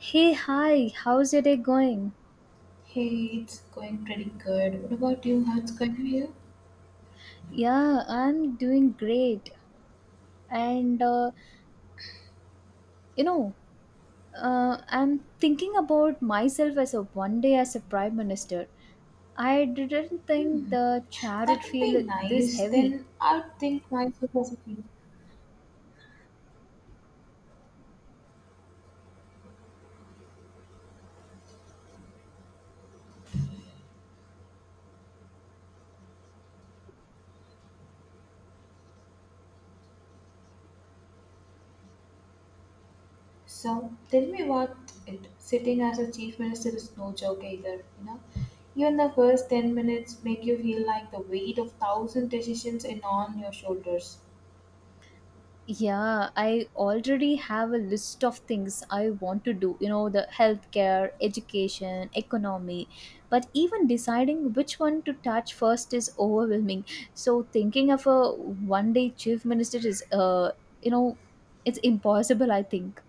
Hey, hi, how's your day going? Hey, it's going pretty good. What about you? How it's going for you? Yeah, I'm doing great. And uh, you know, I'm thinking about myself as a one day as a prime minister. I didn't think the chair would That would be feel this nice. heavy. Then I'll think myself as a chief. So tell me about it. Sitting as a chief minister is no joke either, you know. Even the first 10 minutes make you feel like the weight of thousand decisions in on your shoulders. Yeah, I already have a list of things I want to do, you know, the healthcare, education, economy. But even deciding which one to touch first is overwhelming. So thinking of a one day chief minister is, you know, it's impossible, I think.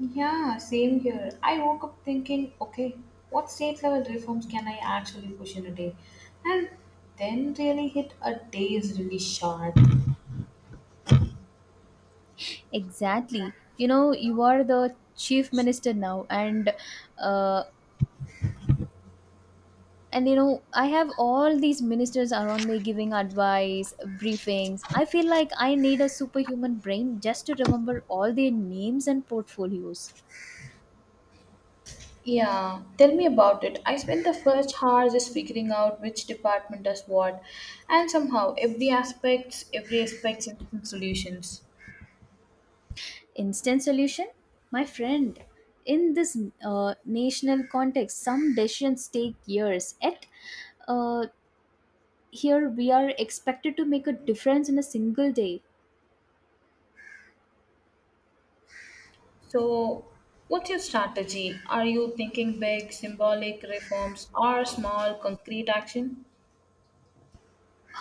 Yeah, same here. I woke up thinking, okay, what state level reforms can I actually push in a day? And then really hit a day is really short. Exactly. You know, you are the chief minister now, uh, and you know I have all these ministers around me giving advice briefings. I feel like I need a superhuman brain just to remember all their names and portfolios. Yeah, tell me about it. I spent the first hour just figuring out which department does what, and somehow every aspects has different solutions. Instant solution, my friend. In this uh, national context some decisions take years, yet uh, here we are expected to make a difference in a single day. So, what's your strategy? Are you thinking big, symbolic reforms, or small, concrete action?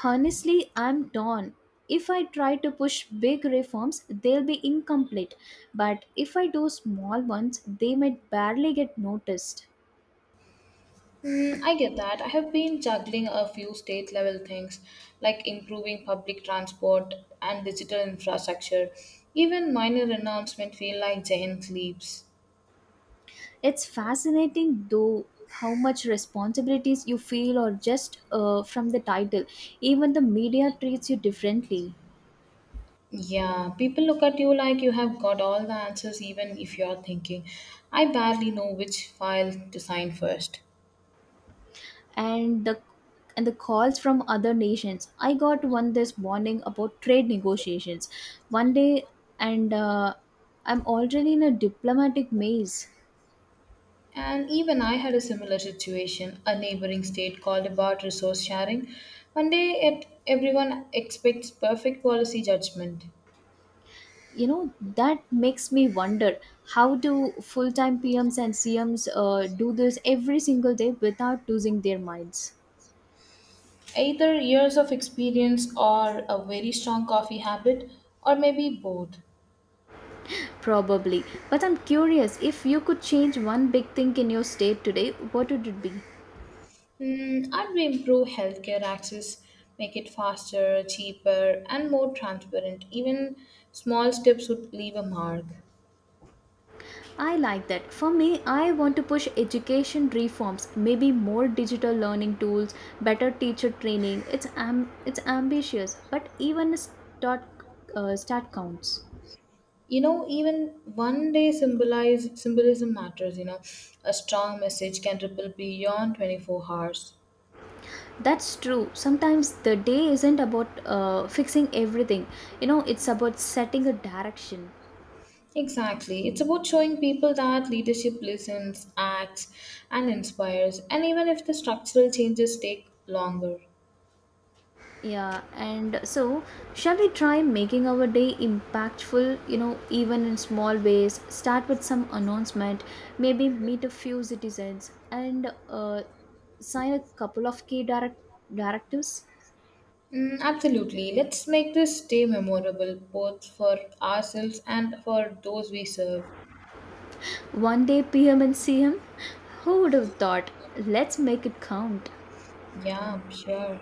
Honestly, I'm torn. If I try to push big reforms, they'll be incomplete. But if I do small ones, they might barely get noticed. Mm, I get that. I have been juggling a few state level things like improving public transport and digital infrastructure. Even minor announcements feel like giant leaps. It's fascinating, though, how much responsibilities you feel, or just from the title. Even the media treats you differently. Yeah, people look at you like you have got all the answers, even if you're thinking, I barely know which file to sign first. And the and the calls from other nations. I got one this morning about trade negotiations. One day, and I'm already in a diplomatic maze. And even I had a similar situation. A neighboring state called about resource sharing. One day, it, everyone expects perfect policy judgment. You know, that makes me wonder, how do full-time PMs and CMs do this every single day without losing their minds? Either years of experience or a very strong coffee habit, or maybe both. Probably. But I'm curious, if you could change one big thing in your state today, what would it be? Mm, I'd improve healthcare access, make it faster, cheaper, and more transparent. Even small steps would leave a mark. I like that. For me, I want to push education reforms, maybe more digital learning tools, better teacher training. It's ambitious but even a start, start counts. You know, even one day symbolize symbolism matters. You know, a strong message can ripple beyond 24 hours. That's true. Sometimes the day isn't about fixing everything. You know, it's about setting a direction. Exactly. It's about showing people that leadership listens, acts, and inspires, and even if the structural changes take longer. Yeah, and so shall we try making our day impactful, you know, even in small ways? Start with some announcement, maybe meet a few citizens and sign a couple of key directives. Mm, absolutely. Let's make this day memorable both for ourselves and for those we serve. One day PM and CM? Who would have thought? Let's make it count. Yeah, sure.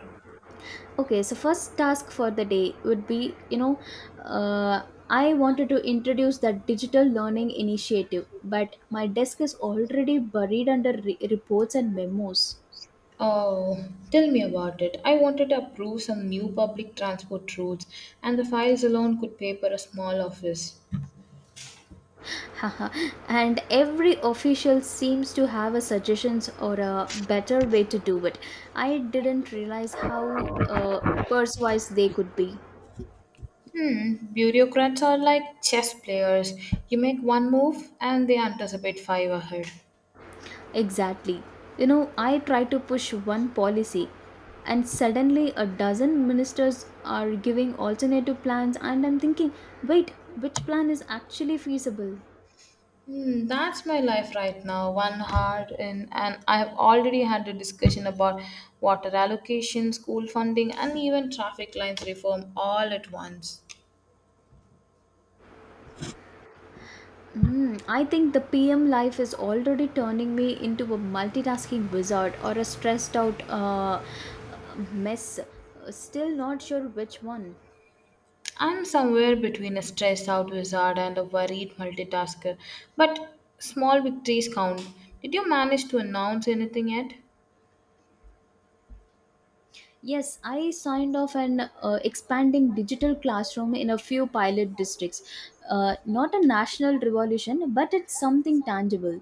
Okay, so first task for the day would be, I wanted to introduce that digital learning initiative, but my desk is already buried under reports and memos. Oh, tell me about it. I wanted to approve some new public transport routes, and the files alone could pay for a small office. Haha. And every official seems to have a suggestions or a better way to do it. I didn't realize how uh, persuasive they could be. Hmm, bureaucrats are like chess players. You make one move, and they anticipate five ahead. Exactly. You know, I try to push one policy, and suddenly a dozen ministers are giving alternative plans, and I'm thinking, wait, which plan is actually feasible? Hmm, that's my life right now. One hard in, and I've already had a discussion about water allocation, school funding, and even traffic lines reform all at once. Hmm, I think the PM life is already turning me into a multitasking wizard or a stressed out mess. Still not sure which one. I'm somewhere between a stressed out wizard and a worried multitasker, but small victories count. Did you manage to announce anything yet? Yes, I signed off an expanding digital classroom in a few pilot districts. Not a national revolution, but it's something tangible.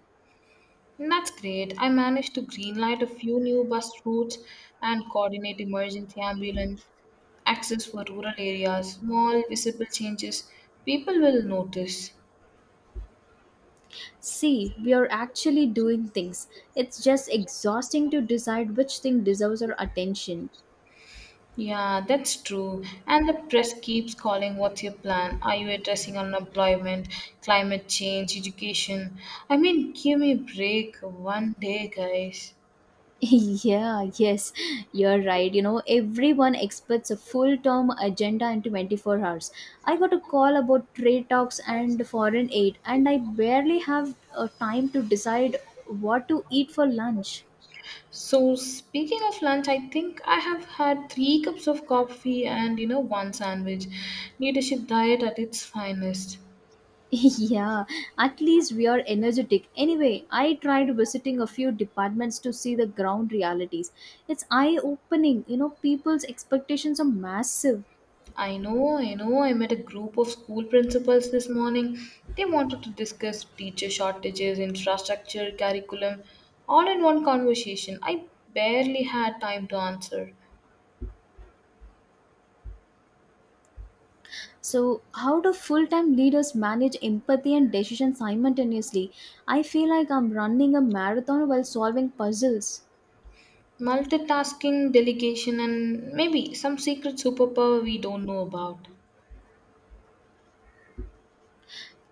That's great. I managed to greenlight a few new bus routes and coordinate emergency ambulance access for rural areas. Small, visible changes people will notice. See, we are actually doing things. It's just exhausting to decide which thing deserves our attention. Yeah, that's true. And the press keeps calling, "What's your plan? Are you addressing unemployment, climate change, education?" I mean, give me a break one day, guys. Yeah, yes, you're right. You know, everyone expects a full term agenda in 24 hours. I got a call about trade talks and foreign aid, and I barely have time to decide what to eat for lunch. So speaking of lunch, I think I have had three cups of coffee and, you know, one sandwich. Leadership diet at its finest. Yeah, at least we are energetic. Anyway, I tried visiting a few departments to see the ground realities. It's eye opening. You know, people's expectations are massive. I know, I know. I met a group of school principals this morning. They wanted to discuss teacher shortages, infrastructure, curriculum, all in one conversation. I barely had time to answer. So, how do full time leaders manage empathy and decision simultaneously? I feel like I'm running a marathon while solving puzzles. Multitasking, delegation, and maybe some secret superpower we don't know about.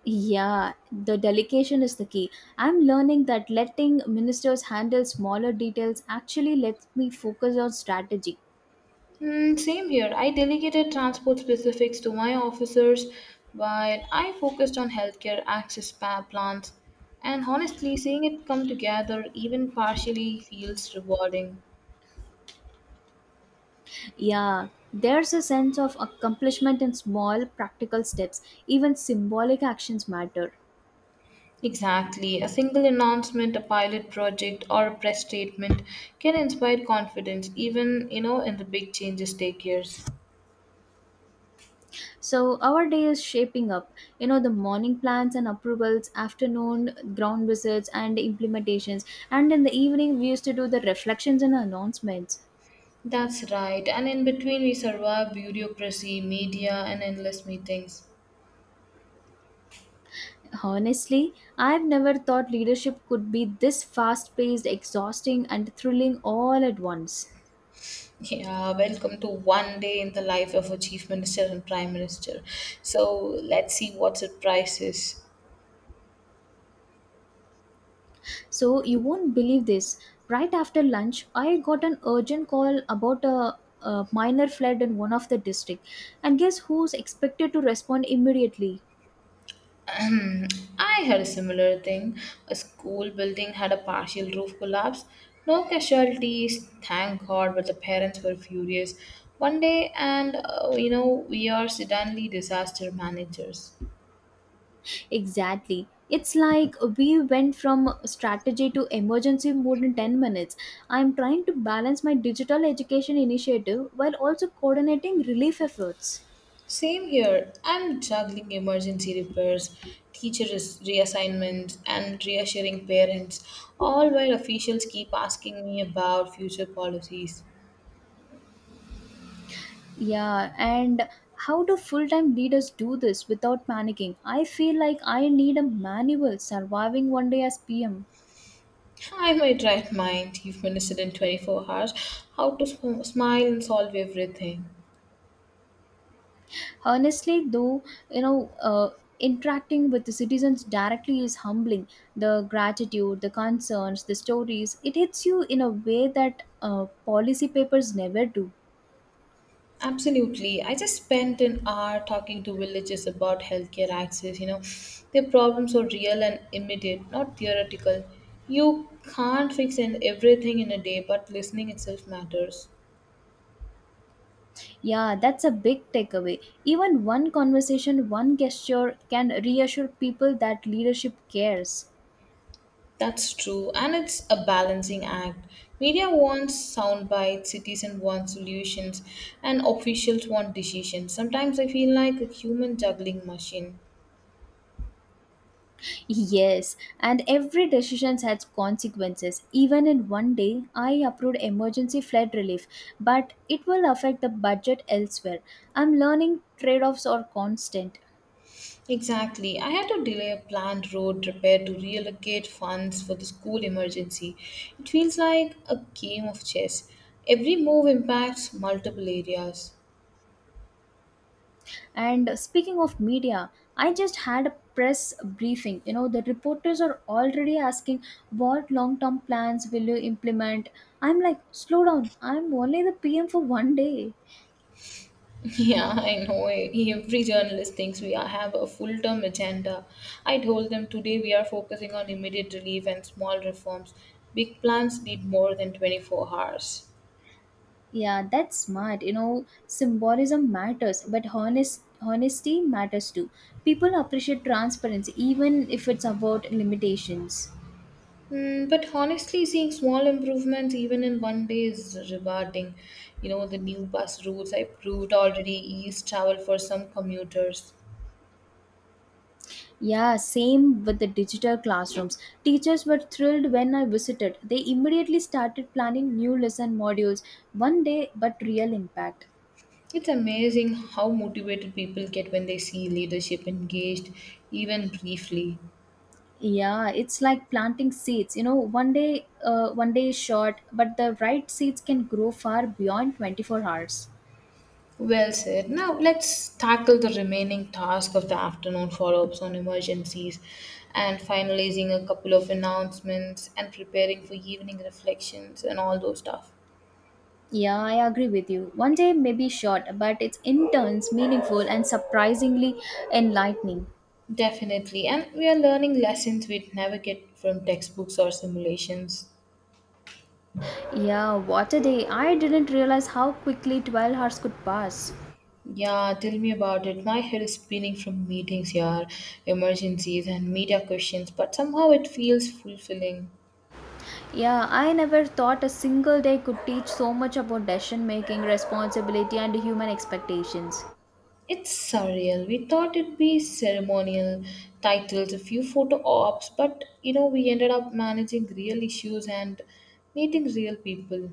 Yeah, the delegation is the key. I'm learning that letting ministers handle smaller details actually lets me focus on strategy. Mm, same here. I delegated transport specifics to my officers while I focused on healthcare access plans. And honestly, seeing it come together, even partially, feels rewarding. Yeah, there's a sense of accomplishment in small, practical steps. Even symbolic actions matter. Exactly. A single announcement, a pilot project, or a press statement can inspire confidence, even, you know, in the big changes take years. So our day is shaping up. You know, the morning plans and approvals, afternoon ground visits and implementations, and in the evening we used to do the reflections and announcements. That's right. And in between, we survive bureaucracy, media, and endless meetings. Honestly, I've never thought leadership could be this fast paced, exhausting, and thrilling all at once. Yeah, welcome to one day in the life of a chief minister and prime minister. So let's see what surprises. So, you won't believe this. Right after lunch, I got an urgent call about a minor flood in one of the district. And guess who's expected to respond immediately? I had a similar thing. A school building had a partial roof collapse. No casualties, thank God, but the parents were furious. One day, and you know, we are suddenly disaster managers. Exactly. It's like we went from strategy to emergency mode in 10 minutes. I'm trying to balance my digital education initiative while also coordinating relief efforts. Same here. I'm juggling emergency repairs, teacher reassignments, and reassuring parents, all while officials keep asking me about future policies. Yeah, and how do full time leaders do this without panicking? I feel like I need a manual surviving one day as PM. I might write my Chief Minister, in 24 hours, how to smile and solve everything. Honestly, though, you know uh, interacting with the citizens directly is humbling. The gratitude, the concerns, the stories, it hits you in a way that policy papers never do. Absolutely. I just spent an hour talking to villagers about healthcare access. You know, their problems are real and immediate, not theoretical. You can't fix in everything in a day, but listening itself matters. Yeah, that's a big takeaway. Even one conversation, one gesture can reassure people that leadership cares. That's true, and it's a balancing act. Media wants sound bites, citizens want solutions, and officials want decisions. Sometimes I feel like a human juggling machine. Yes, and every decision has consequences. Even in one day, I approved emergency flood relief, but it will affect the budget elsewhere. I'm learning trade offs are constant. Exactly. I had to delay a planned road repair to reallocate funds for the school emergency. It feels like a game of chess. Every move impacts multiple areas. And speaking of media, I just had a press briefing. You know, the reporters are already asking, what long term plans will you implement? I'm like, slow down, I'm only the PM for one day. Yeah, I know. Every journalist thinks have a full term agenda. I told them today we are focusing on immediate relief and small reforms. Big plans need more than 24 hours. Yeah, that's smart. You know, symbolism matters, but honesty matters too. People appreciate transparency even if it's about limitations. Mm, but honestly, seeing small improvements even in one day is rewarding. You know, the new bus routes I proved already ease travel for some commuters. Yeah, same with the digital classrooms. Teachers were thrilled when I visited. They immediately started planning new lesson modules, one day but real impact. It's amazing how motivated people get when they see leadership engaged, even briefly. Yeah, it's like planting seeds. You know, one day is short, but the right seeds can grow far beyond 24 hours. Well said. Now let's tackle the remaining task of the afternoon follow ups on emergencies and finalizing a couple of announcements and preparing for evening reflections and all those stuff. Yeah, I agree with you. One day may be short, but it's in turns meaningful and surprisingly enlightening. Definitely. And we are learning lessons we'd never get from textbooks or simulations. Yeah, what a day. I didn't realize how quickly 12 hours could pass. Yeah, tell me about it. My head is spinning from meetings, yeah, emergencies, and media questions, but somehow it feels fulfilling. Yeah, I never thought a single day could teach so much about decision making, responsibility, and human expectations. It's surreal. We thought it'd be ceremonial titles, a few photo ops, but, you know, we ended up managing real issues and meeting real people.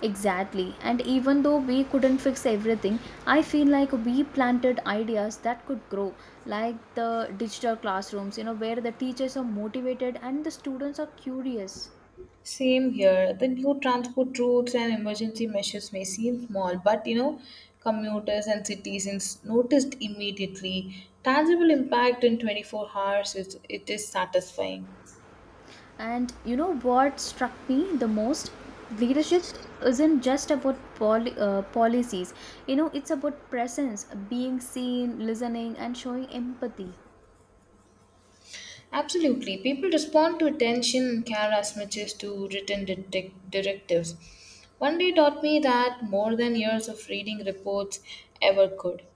Exactly. And even though we couldn't fix everything, I feel like we planted ideas that could grow, like the digital classrooms, you know, where the teachers are motivated and the students are curious. Same here. The new transport routes and emergency measures may seem small, but, you know, commuters and citizens noticed immediately. Tangible impact in 24 hours is it is satisfying. And you know what struck me the most? Leadership isn't just about policies, you know, it's about presence, being seen, listening, and showing empathy. Absolutely. People respond to attention and care as much as to written directives. One day taught me that more than years of reading reports ever could.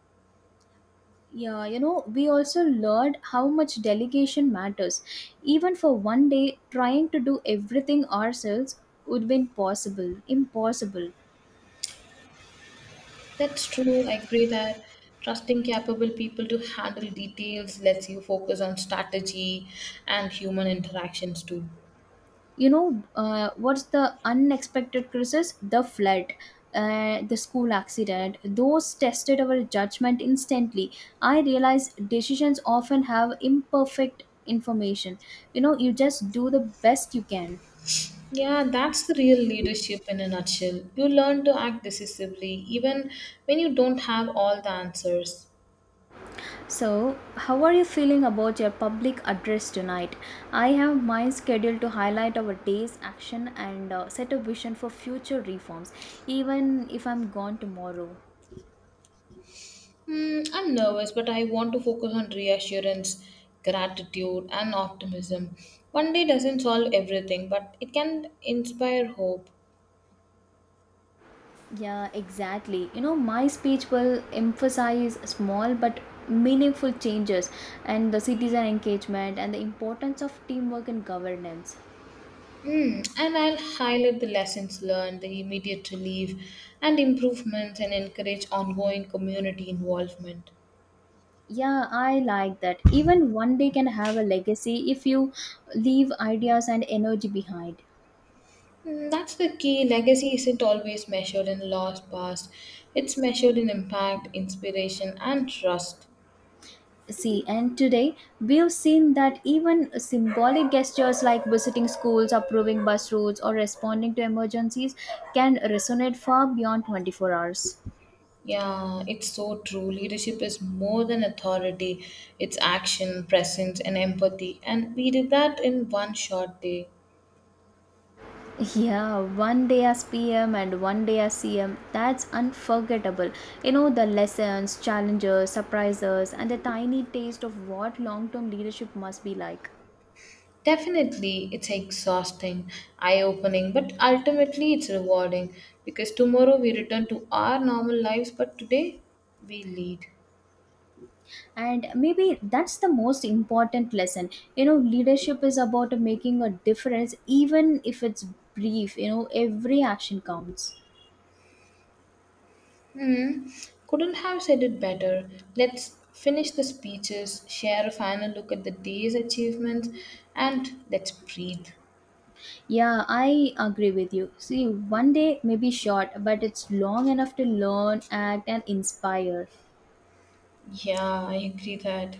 Yeah, you know, we also learned how much delegation matters. Even for one day, trying to do everything ourselves would have been possible, impossible. That's true. I agree that trusting capable people to handle details lets you focus on strategy and human interactions too. What's the unexpected crisis? The flood, the school accident. Those tested our judgment instantly. I realized decisions often have imperfect information. You know, you just do the best you can. Yeah, that's the real leadership in a nutshell. You learn to act decisively even when you don't have all the answers. So, how are you feeling about your public address tonight? I have my schedule to highlight our day's action and set a vision for future reforms, even if I'm gone tomorrow. Hmm, I'm nervous, but I want to focus on reassurance, gratitude, and optimism. One day doesn't solve everything, but it can inspire hope. Yeah, exactly. You know, my speech will emphasize small but meaningful changes and the citizen engagement and the importance of teamwork in governance. Mm, and I'll highlight the lessons learned, the immediate relief and improvements, and encourage ongoing community involvement. Yeah, I like that. Even one day can have a legacy if you leave ideas and energy behind. Mm, that's the key. Legacy isn't always measured in loss past, it's measured in impact, inspiration, and trust. See, and today we've seen that even symbolic gestures like visiting schools, approving bus routes, or responding to emergencies can resonate far beyond 24 hours. Yeah, it's so true. Leadership is more than authority, it's action, presence, and empathy. And we did that in one short day. Yeah, one day as PM and one day as CM, that's unforgettable. You know, the lessons, challenges, surprises, and the tiny taste of what long term leadership must be like. Definitely, it's exhausting, eye opening, but ultimately it's rewarding because tomorrow we return to our normal lives, but today we lead. And maybe that's the most important lesson. You know, leadership is about making a difference, even if it's brief. You know, every action counts. Hmm, couldn't have said it better. Let's finish the speeches, share a final look at the day's achievements, and let's breathe. Yeah, I agree with you. See, one day may be short but it's long enough to learn, act and inspire. Yeah, I agree that.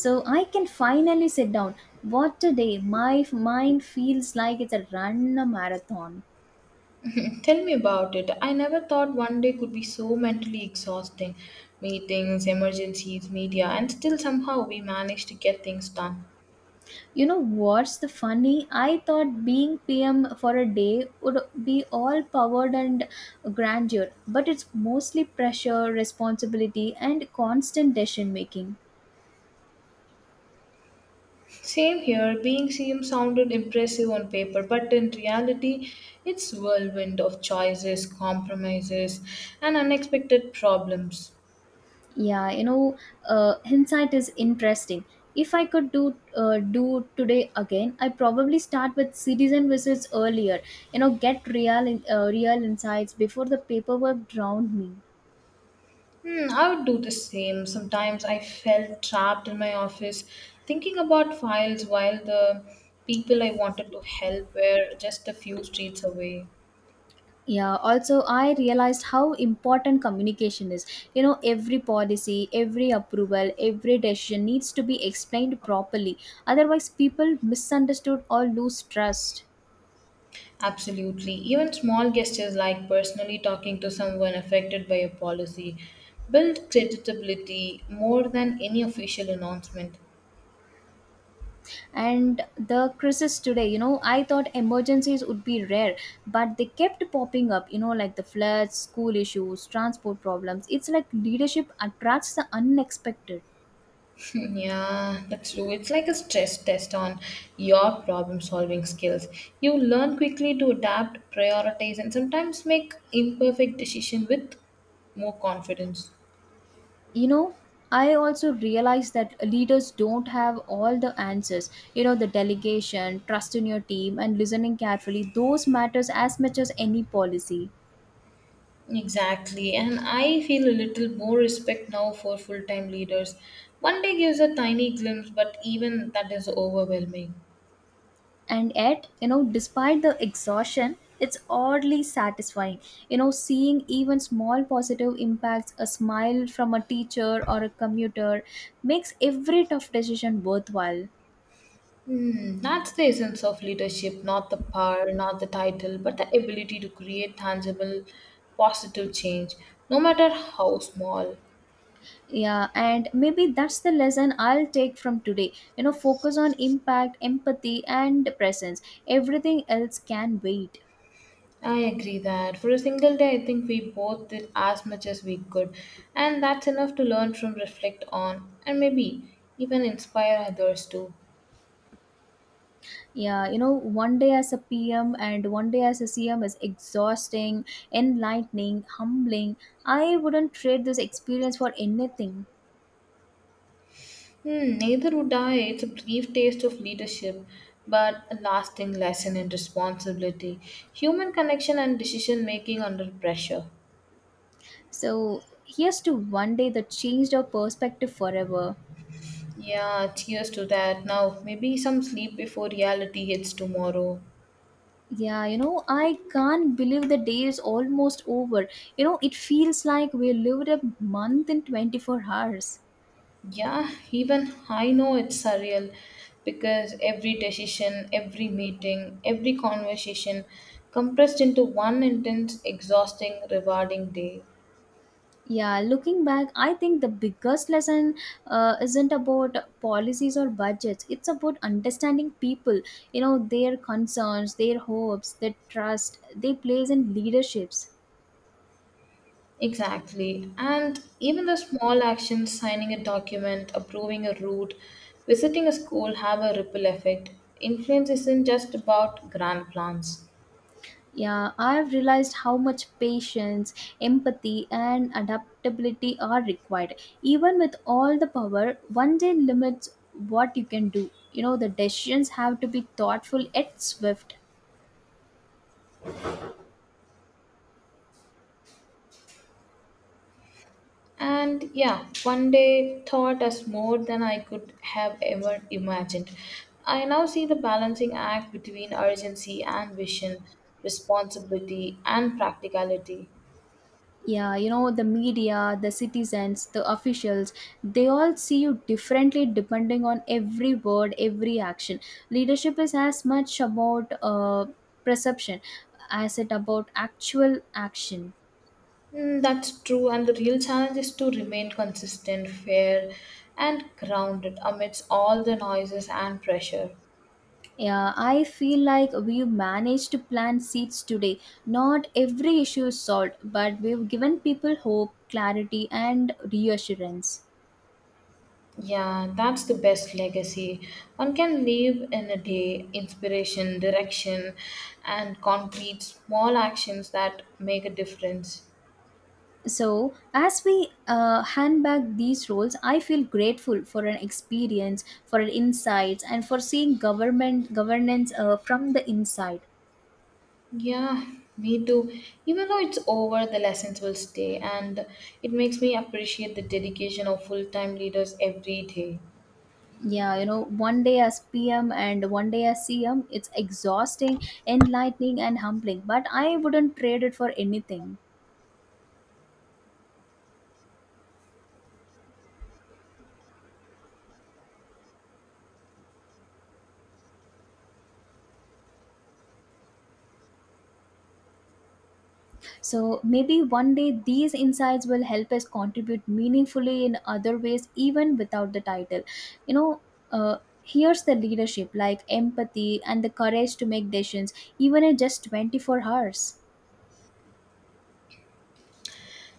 So I can finally sit down. What a day. Mind feels like it's a run a marathon. Tell me about it. I never thought one day could be so mentally exhausting. Meetings, emergencies, media, and still somehow we managed to get things done. You know what's the funny? I thought being PM for a day would be all power and grandeur, but it's mostly pressure, responsibility, and constant decision making. Same here, being CM sounded impressive on paper, but in reality, it's whirlwind of choices, compromises, and unexpected problems. Yeah, you know, hindsight is interesting. If I could do today again, I probably start with cities and visits earlier. You know, get real insights before the paperwork drowned me. Hmm, I would do the same. Sometimes I felt trapped in my office thinking about files while the people I wanted to help were just a few streets away. Yeah, also, I realized how important communication is. You know, every policy, every approval, every decision needs to be explained properly. Otherwise, people misunderstood or lose trust. Absolutely. Even small gestures like personally talking to someone affected by a policy build credibility more than any official announcement. And the crisis today, you know, I thought emergencies would be rare, but they kept popping up, you know, like the floods, school issues, transport problems. It's like leadership attracts the unexpected. Yeah, that's true. It's like a stress test on your problem solving skills. You learn quickly to adapt, prioritize, and sometimes make imperfect decisions with more confidence. You know, I also realize that leaders don't have all the answers. You know, the delegation, trust in your team and listening carefully, those matters as much as any policy. Exactly, and I feel a little more respect now for full time leaders. One day gives a tiny glimpse, but even that is overwhelming. And yet, you know, despite the exhaustion it's oddly satisfying. You know, seeing even small positive impacts, a smile from a teacher or a commuter makes every tough decision worthwhile. Hmm, that's the essence of leadership, not the power, not the title, but the ability to create tangible, positive change, no matter how small. Yeah, and maybe that's the lesson I'll take from today. You know, focus on impact, empathy, and presence. Everything else can wait. I agree that for a single day, I think we both did as much as we could, and that's enough to learn from, reflect on, and maybe even inspire others too. One day as a PM and one day as a CM is exhausting, enlightening, humbling. I wouldn't trade this experience for anything. Hmm, neither would I. It's a brief taste of leadership, but a lasting lesson in responsibility, human connection, and decision making under pressure. So, here's to one day that changed our perspective forever. Yeah, cheers to that. Now, maybe some sleep before reality hits tomorrow. I can't believe the day is almost over. It feels like we lived a month in 24 hours. Yeah, even I know it's surreal because every decision, every meeting, every conversation compressed into one intense, exhausting, rewarding day. Yeah, looking back, I think the biggest lesson isn't about policies or budgets. It's about understanding people, their concerns, their hopes, their trust they place in leaderships. Exactly. And even the small actions, signing a document, approving a route, visiting a school, have a ripple effect. Influence isn't just about grand plans. Yeah, I've realized how much patience, empathy, and adaptability are required. Even with all the power, one day limits what you can do. The decisions have to be thoughtful yet swift. And yeah, one day taught us more than I could have ever imagined. I now see the balancing act between urgency and vision, responsibility and practicality. The media, the citizens, the officials, they all see you differently depending on every word, every action. Leadership is as much about perception as it about actual action. Mm, that's true, and the real challenge is to remain consistent, fair, and grounded amidst all the noises and pressure. Yeah, I feel like we've managed to plant seeds today. Not every issue is solved, but we've given people hope, clarity, and reassurance. Yeah, that's the best legacy. One can leave in a day inspiration, direction, and concrete small actions that make a difference. So, as we hand back these roles, I feel grateful for an experience, for an insights, and for seeing government governance from the inside. Yeah, me too. Even though it's over, the lessons will stay, and it makes me appreciate the dedication of full time leaders every day. One day as PM and one day as CM, it's exhausting, enlightening, and humbling. But I wouldn't trade it for anything. So maybe one day these insights will help us contribute meaningfully in other ways, even without the title. You know, uh, Here's the leadership like empathy and the courage to make decisions, even in just 24 hours.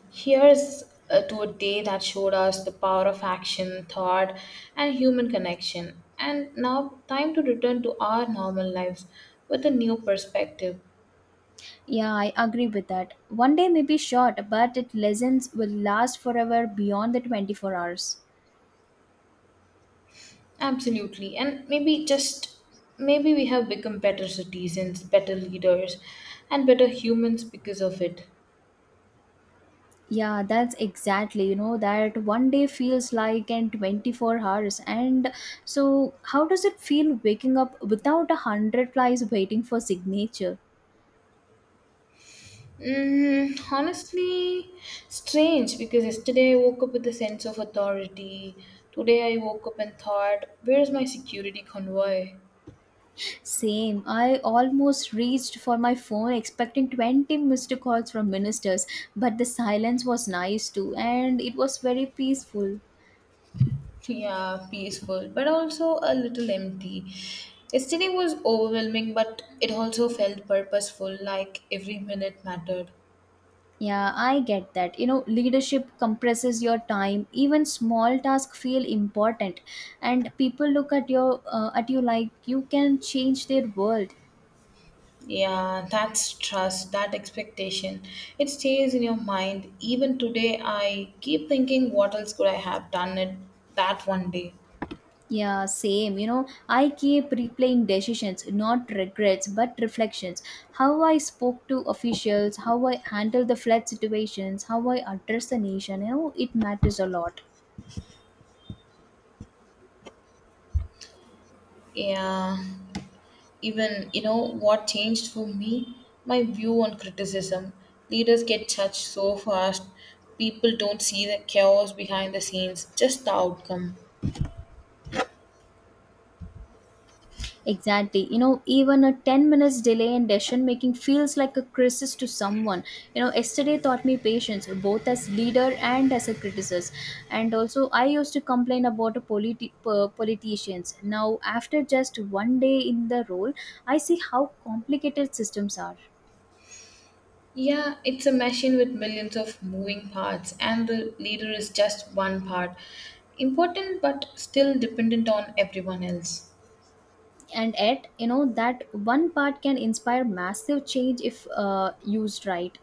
Here's to a day that showed us the power of action, thought, and human connection. And now, time to return to our normal lives with a new perspective. Yeah, I agree with that. One day may be short, but its lessons will last forever beyond the 24 hours. Absolutely. And maybe, just maybe, we have become better citizens, better leaders, and better humans because of it. Yeah, that's exactly, that one day feels like an 24 hours. And so, how does it feel waking up without a hundred flies waiting for signature? Mm, honestly, strange because yesterday I woke up with a sense of authority. Today I woke up and thought, where's my security convoy? Same. I almost reached for my phone expecting 20 missed calls from ministers, but the silence was nice too, and it was very peaceful. Yeah, peaceful, but also a little empty. Yesterday was overwhelming, but it also felt purposeful, like every minute mattered. Yeah, I get that. Leadership compresses your time. Even small tasks feel important, and people look at you like you can change their world. Yeah, that's trust, that expectation. It stays in your mind. Even today, I keep thinking, what else could I have done it that one day? Yeah, same. I keep replaying decisions, not regrets, but reflections. How I spoke to officials, how I handled the flood situations, how I addressed the nation. It matters a lot. Yeah, even, you know, what changed for me, my view on criticism. Leaders get judged so fast. People don't see the chaos behind the scenes, just the outcome. Exactly. Even a 10 minutes delay in decision making feels like a crisis to someone. Yesterday taught me patience, both as leader and as a criticist. And also, I used to complain about politicians. Now, after just one day in the role, I see how complicated systems are. Yeah, it's a machine with millions of moving parts, and the leader is just one part, important but still dependent on everyone else. And yet, that one part can inspire massive change if used right.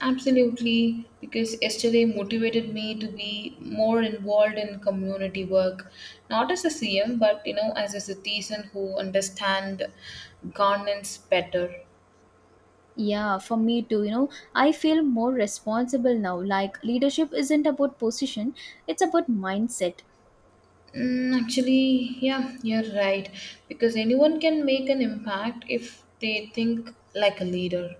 Absolutely, because yesterday motivated me to be more involved in community work, not as a CM, but, you know, as a citizen who understand governance better. Yeah, for me too. I feel more responsible now. Like, leadership isn't about position, it's about mindset. Mm, actually, yeah, you're right, because anyone can make an impact if they think like a leader.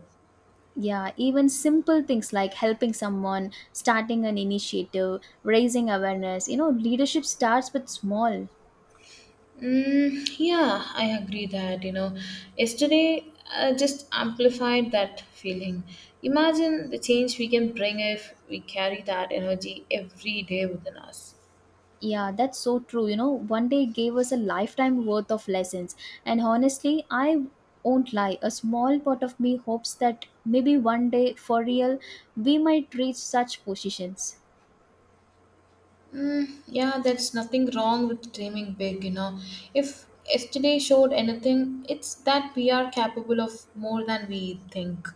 Yeah, even simple things like helping someone, starting an initiative, raising awareness. Leadership starts with small. Mm, yeah, I agree that, you know, yesterday just amplified that feeling. Imagine the change we can bring if we carry that energy every day within us. Yeah, that's so true. One day gave us a lifetime worth of lessons. And honestly, I won't lie, a small part of me hopes that maybe one day, for real, we might reach such positions. Mm, yeah, there's nothing wrong with dreaming big, you know. If yesterday showed anything, it's that we are capable of more than we think.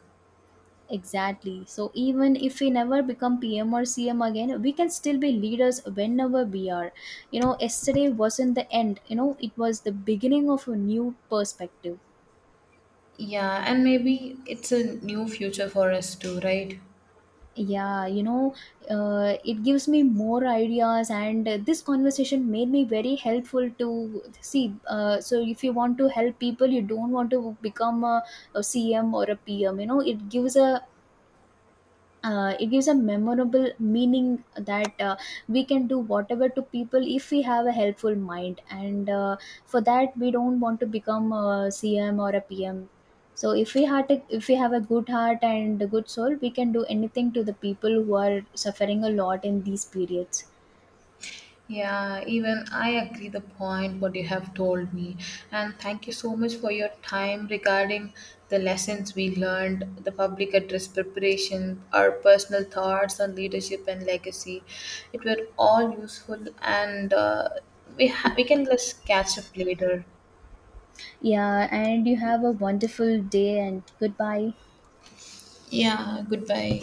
Exactly. So even if we never become PM or CM again, we can still be leaders whenever we are. Yesterday wasn't the end. It was the beginning of a new perspective. Yeah, and maybe it's a new future for us too, right? Yeah, you know, it gives me more ideas, and this conversation made me very helpful to see. So, if you want to help people, you don't want to become a CM or a PM. It gives a it gives a memorable meaning that we can do whatever to people if we have a helpful mind, and for that we don't want to become a cm or a pm. So if we have a good heart and a good soul, we can do anything to the people who are suffering a lot in these periods. Yeah, even I agree the point what you have told me. And thank you so much for your time regarding the lessons we learned, the public address preparation, our personal thoughts on leadership and legacy. It were all useful, and we can just catch up later. Yeah, and you have a wonderful day. And goodbye. Yeah, goodbye.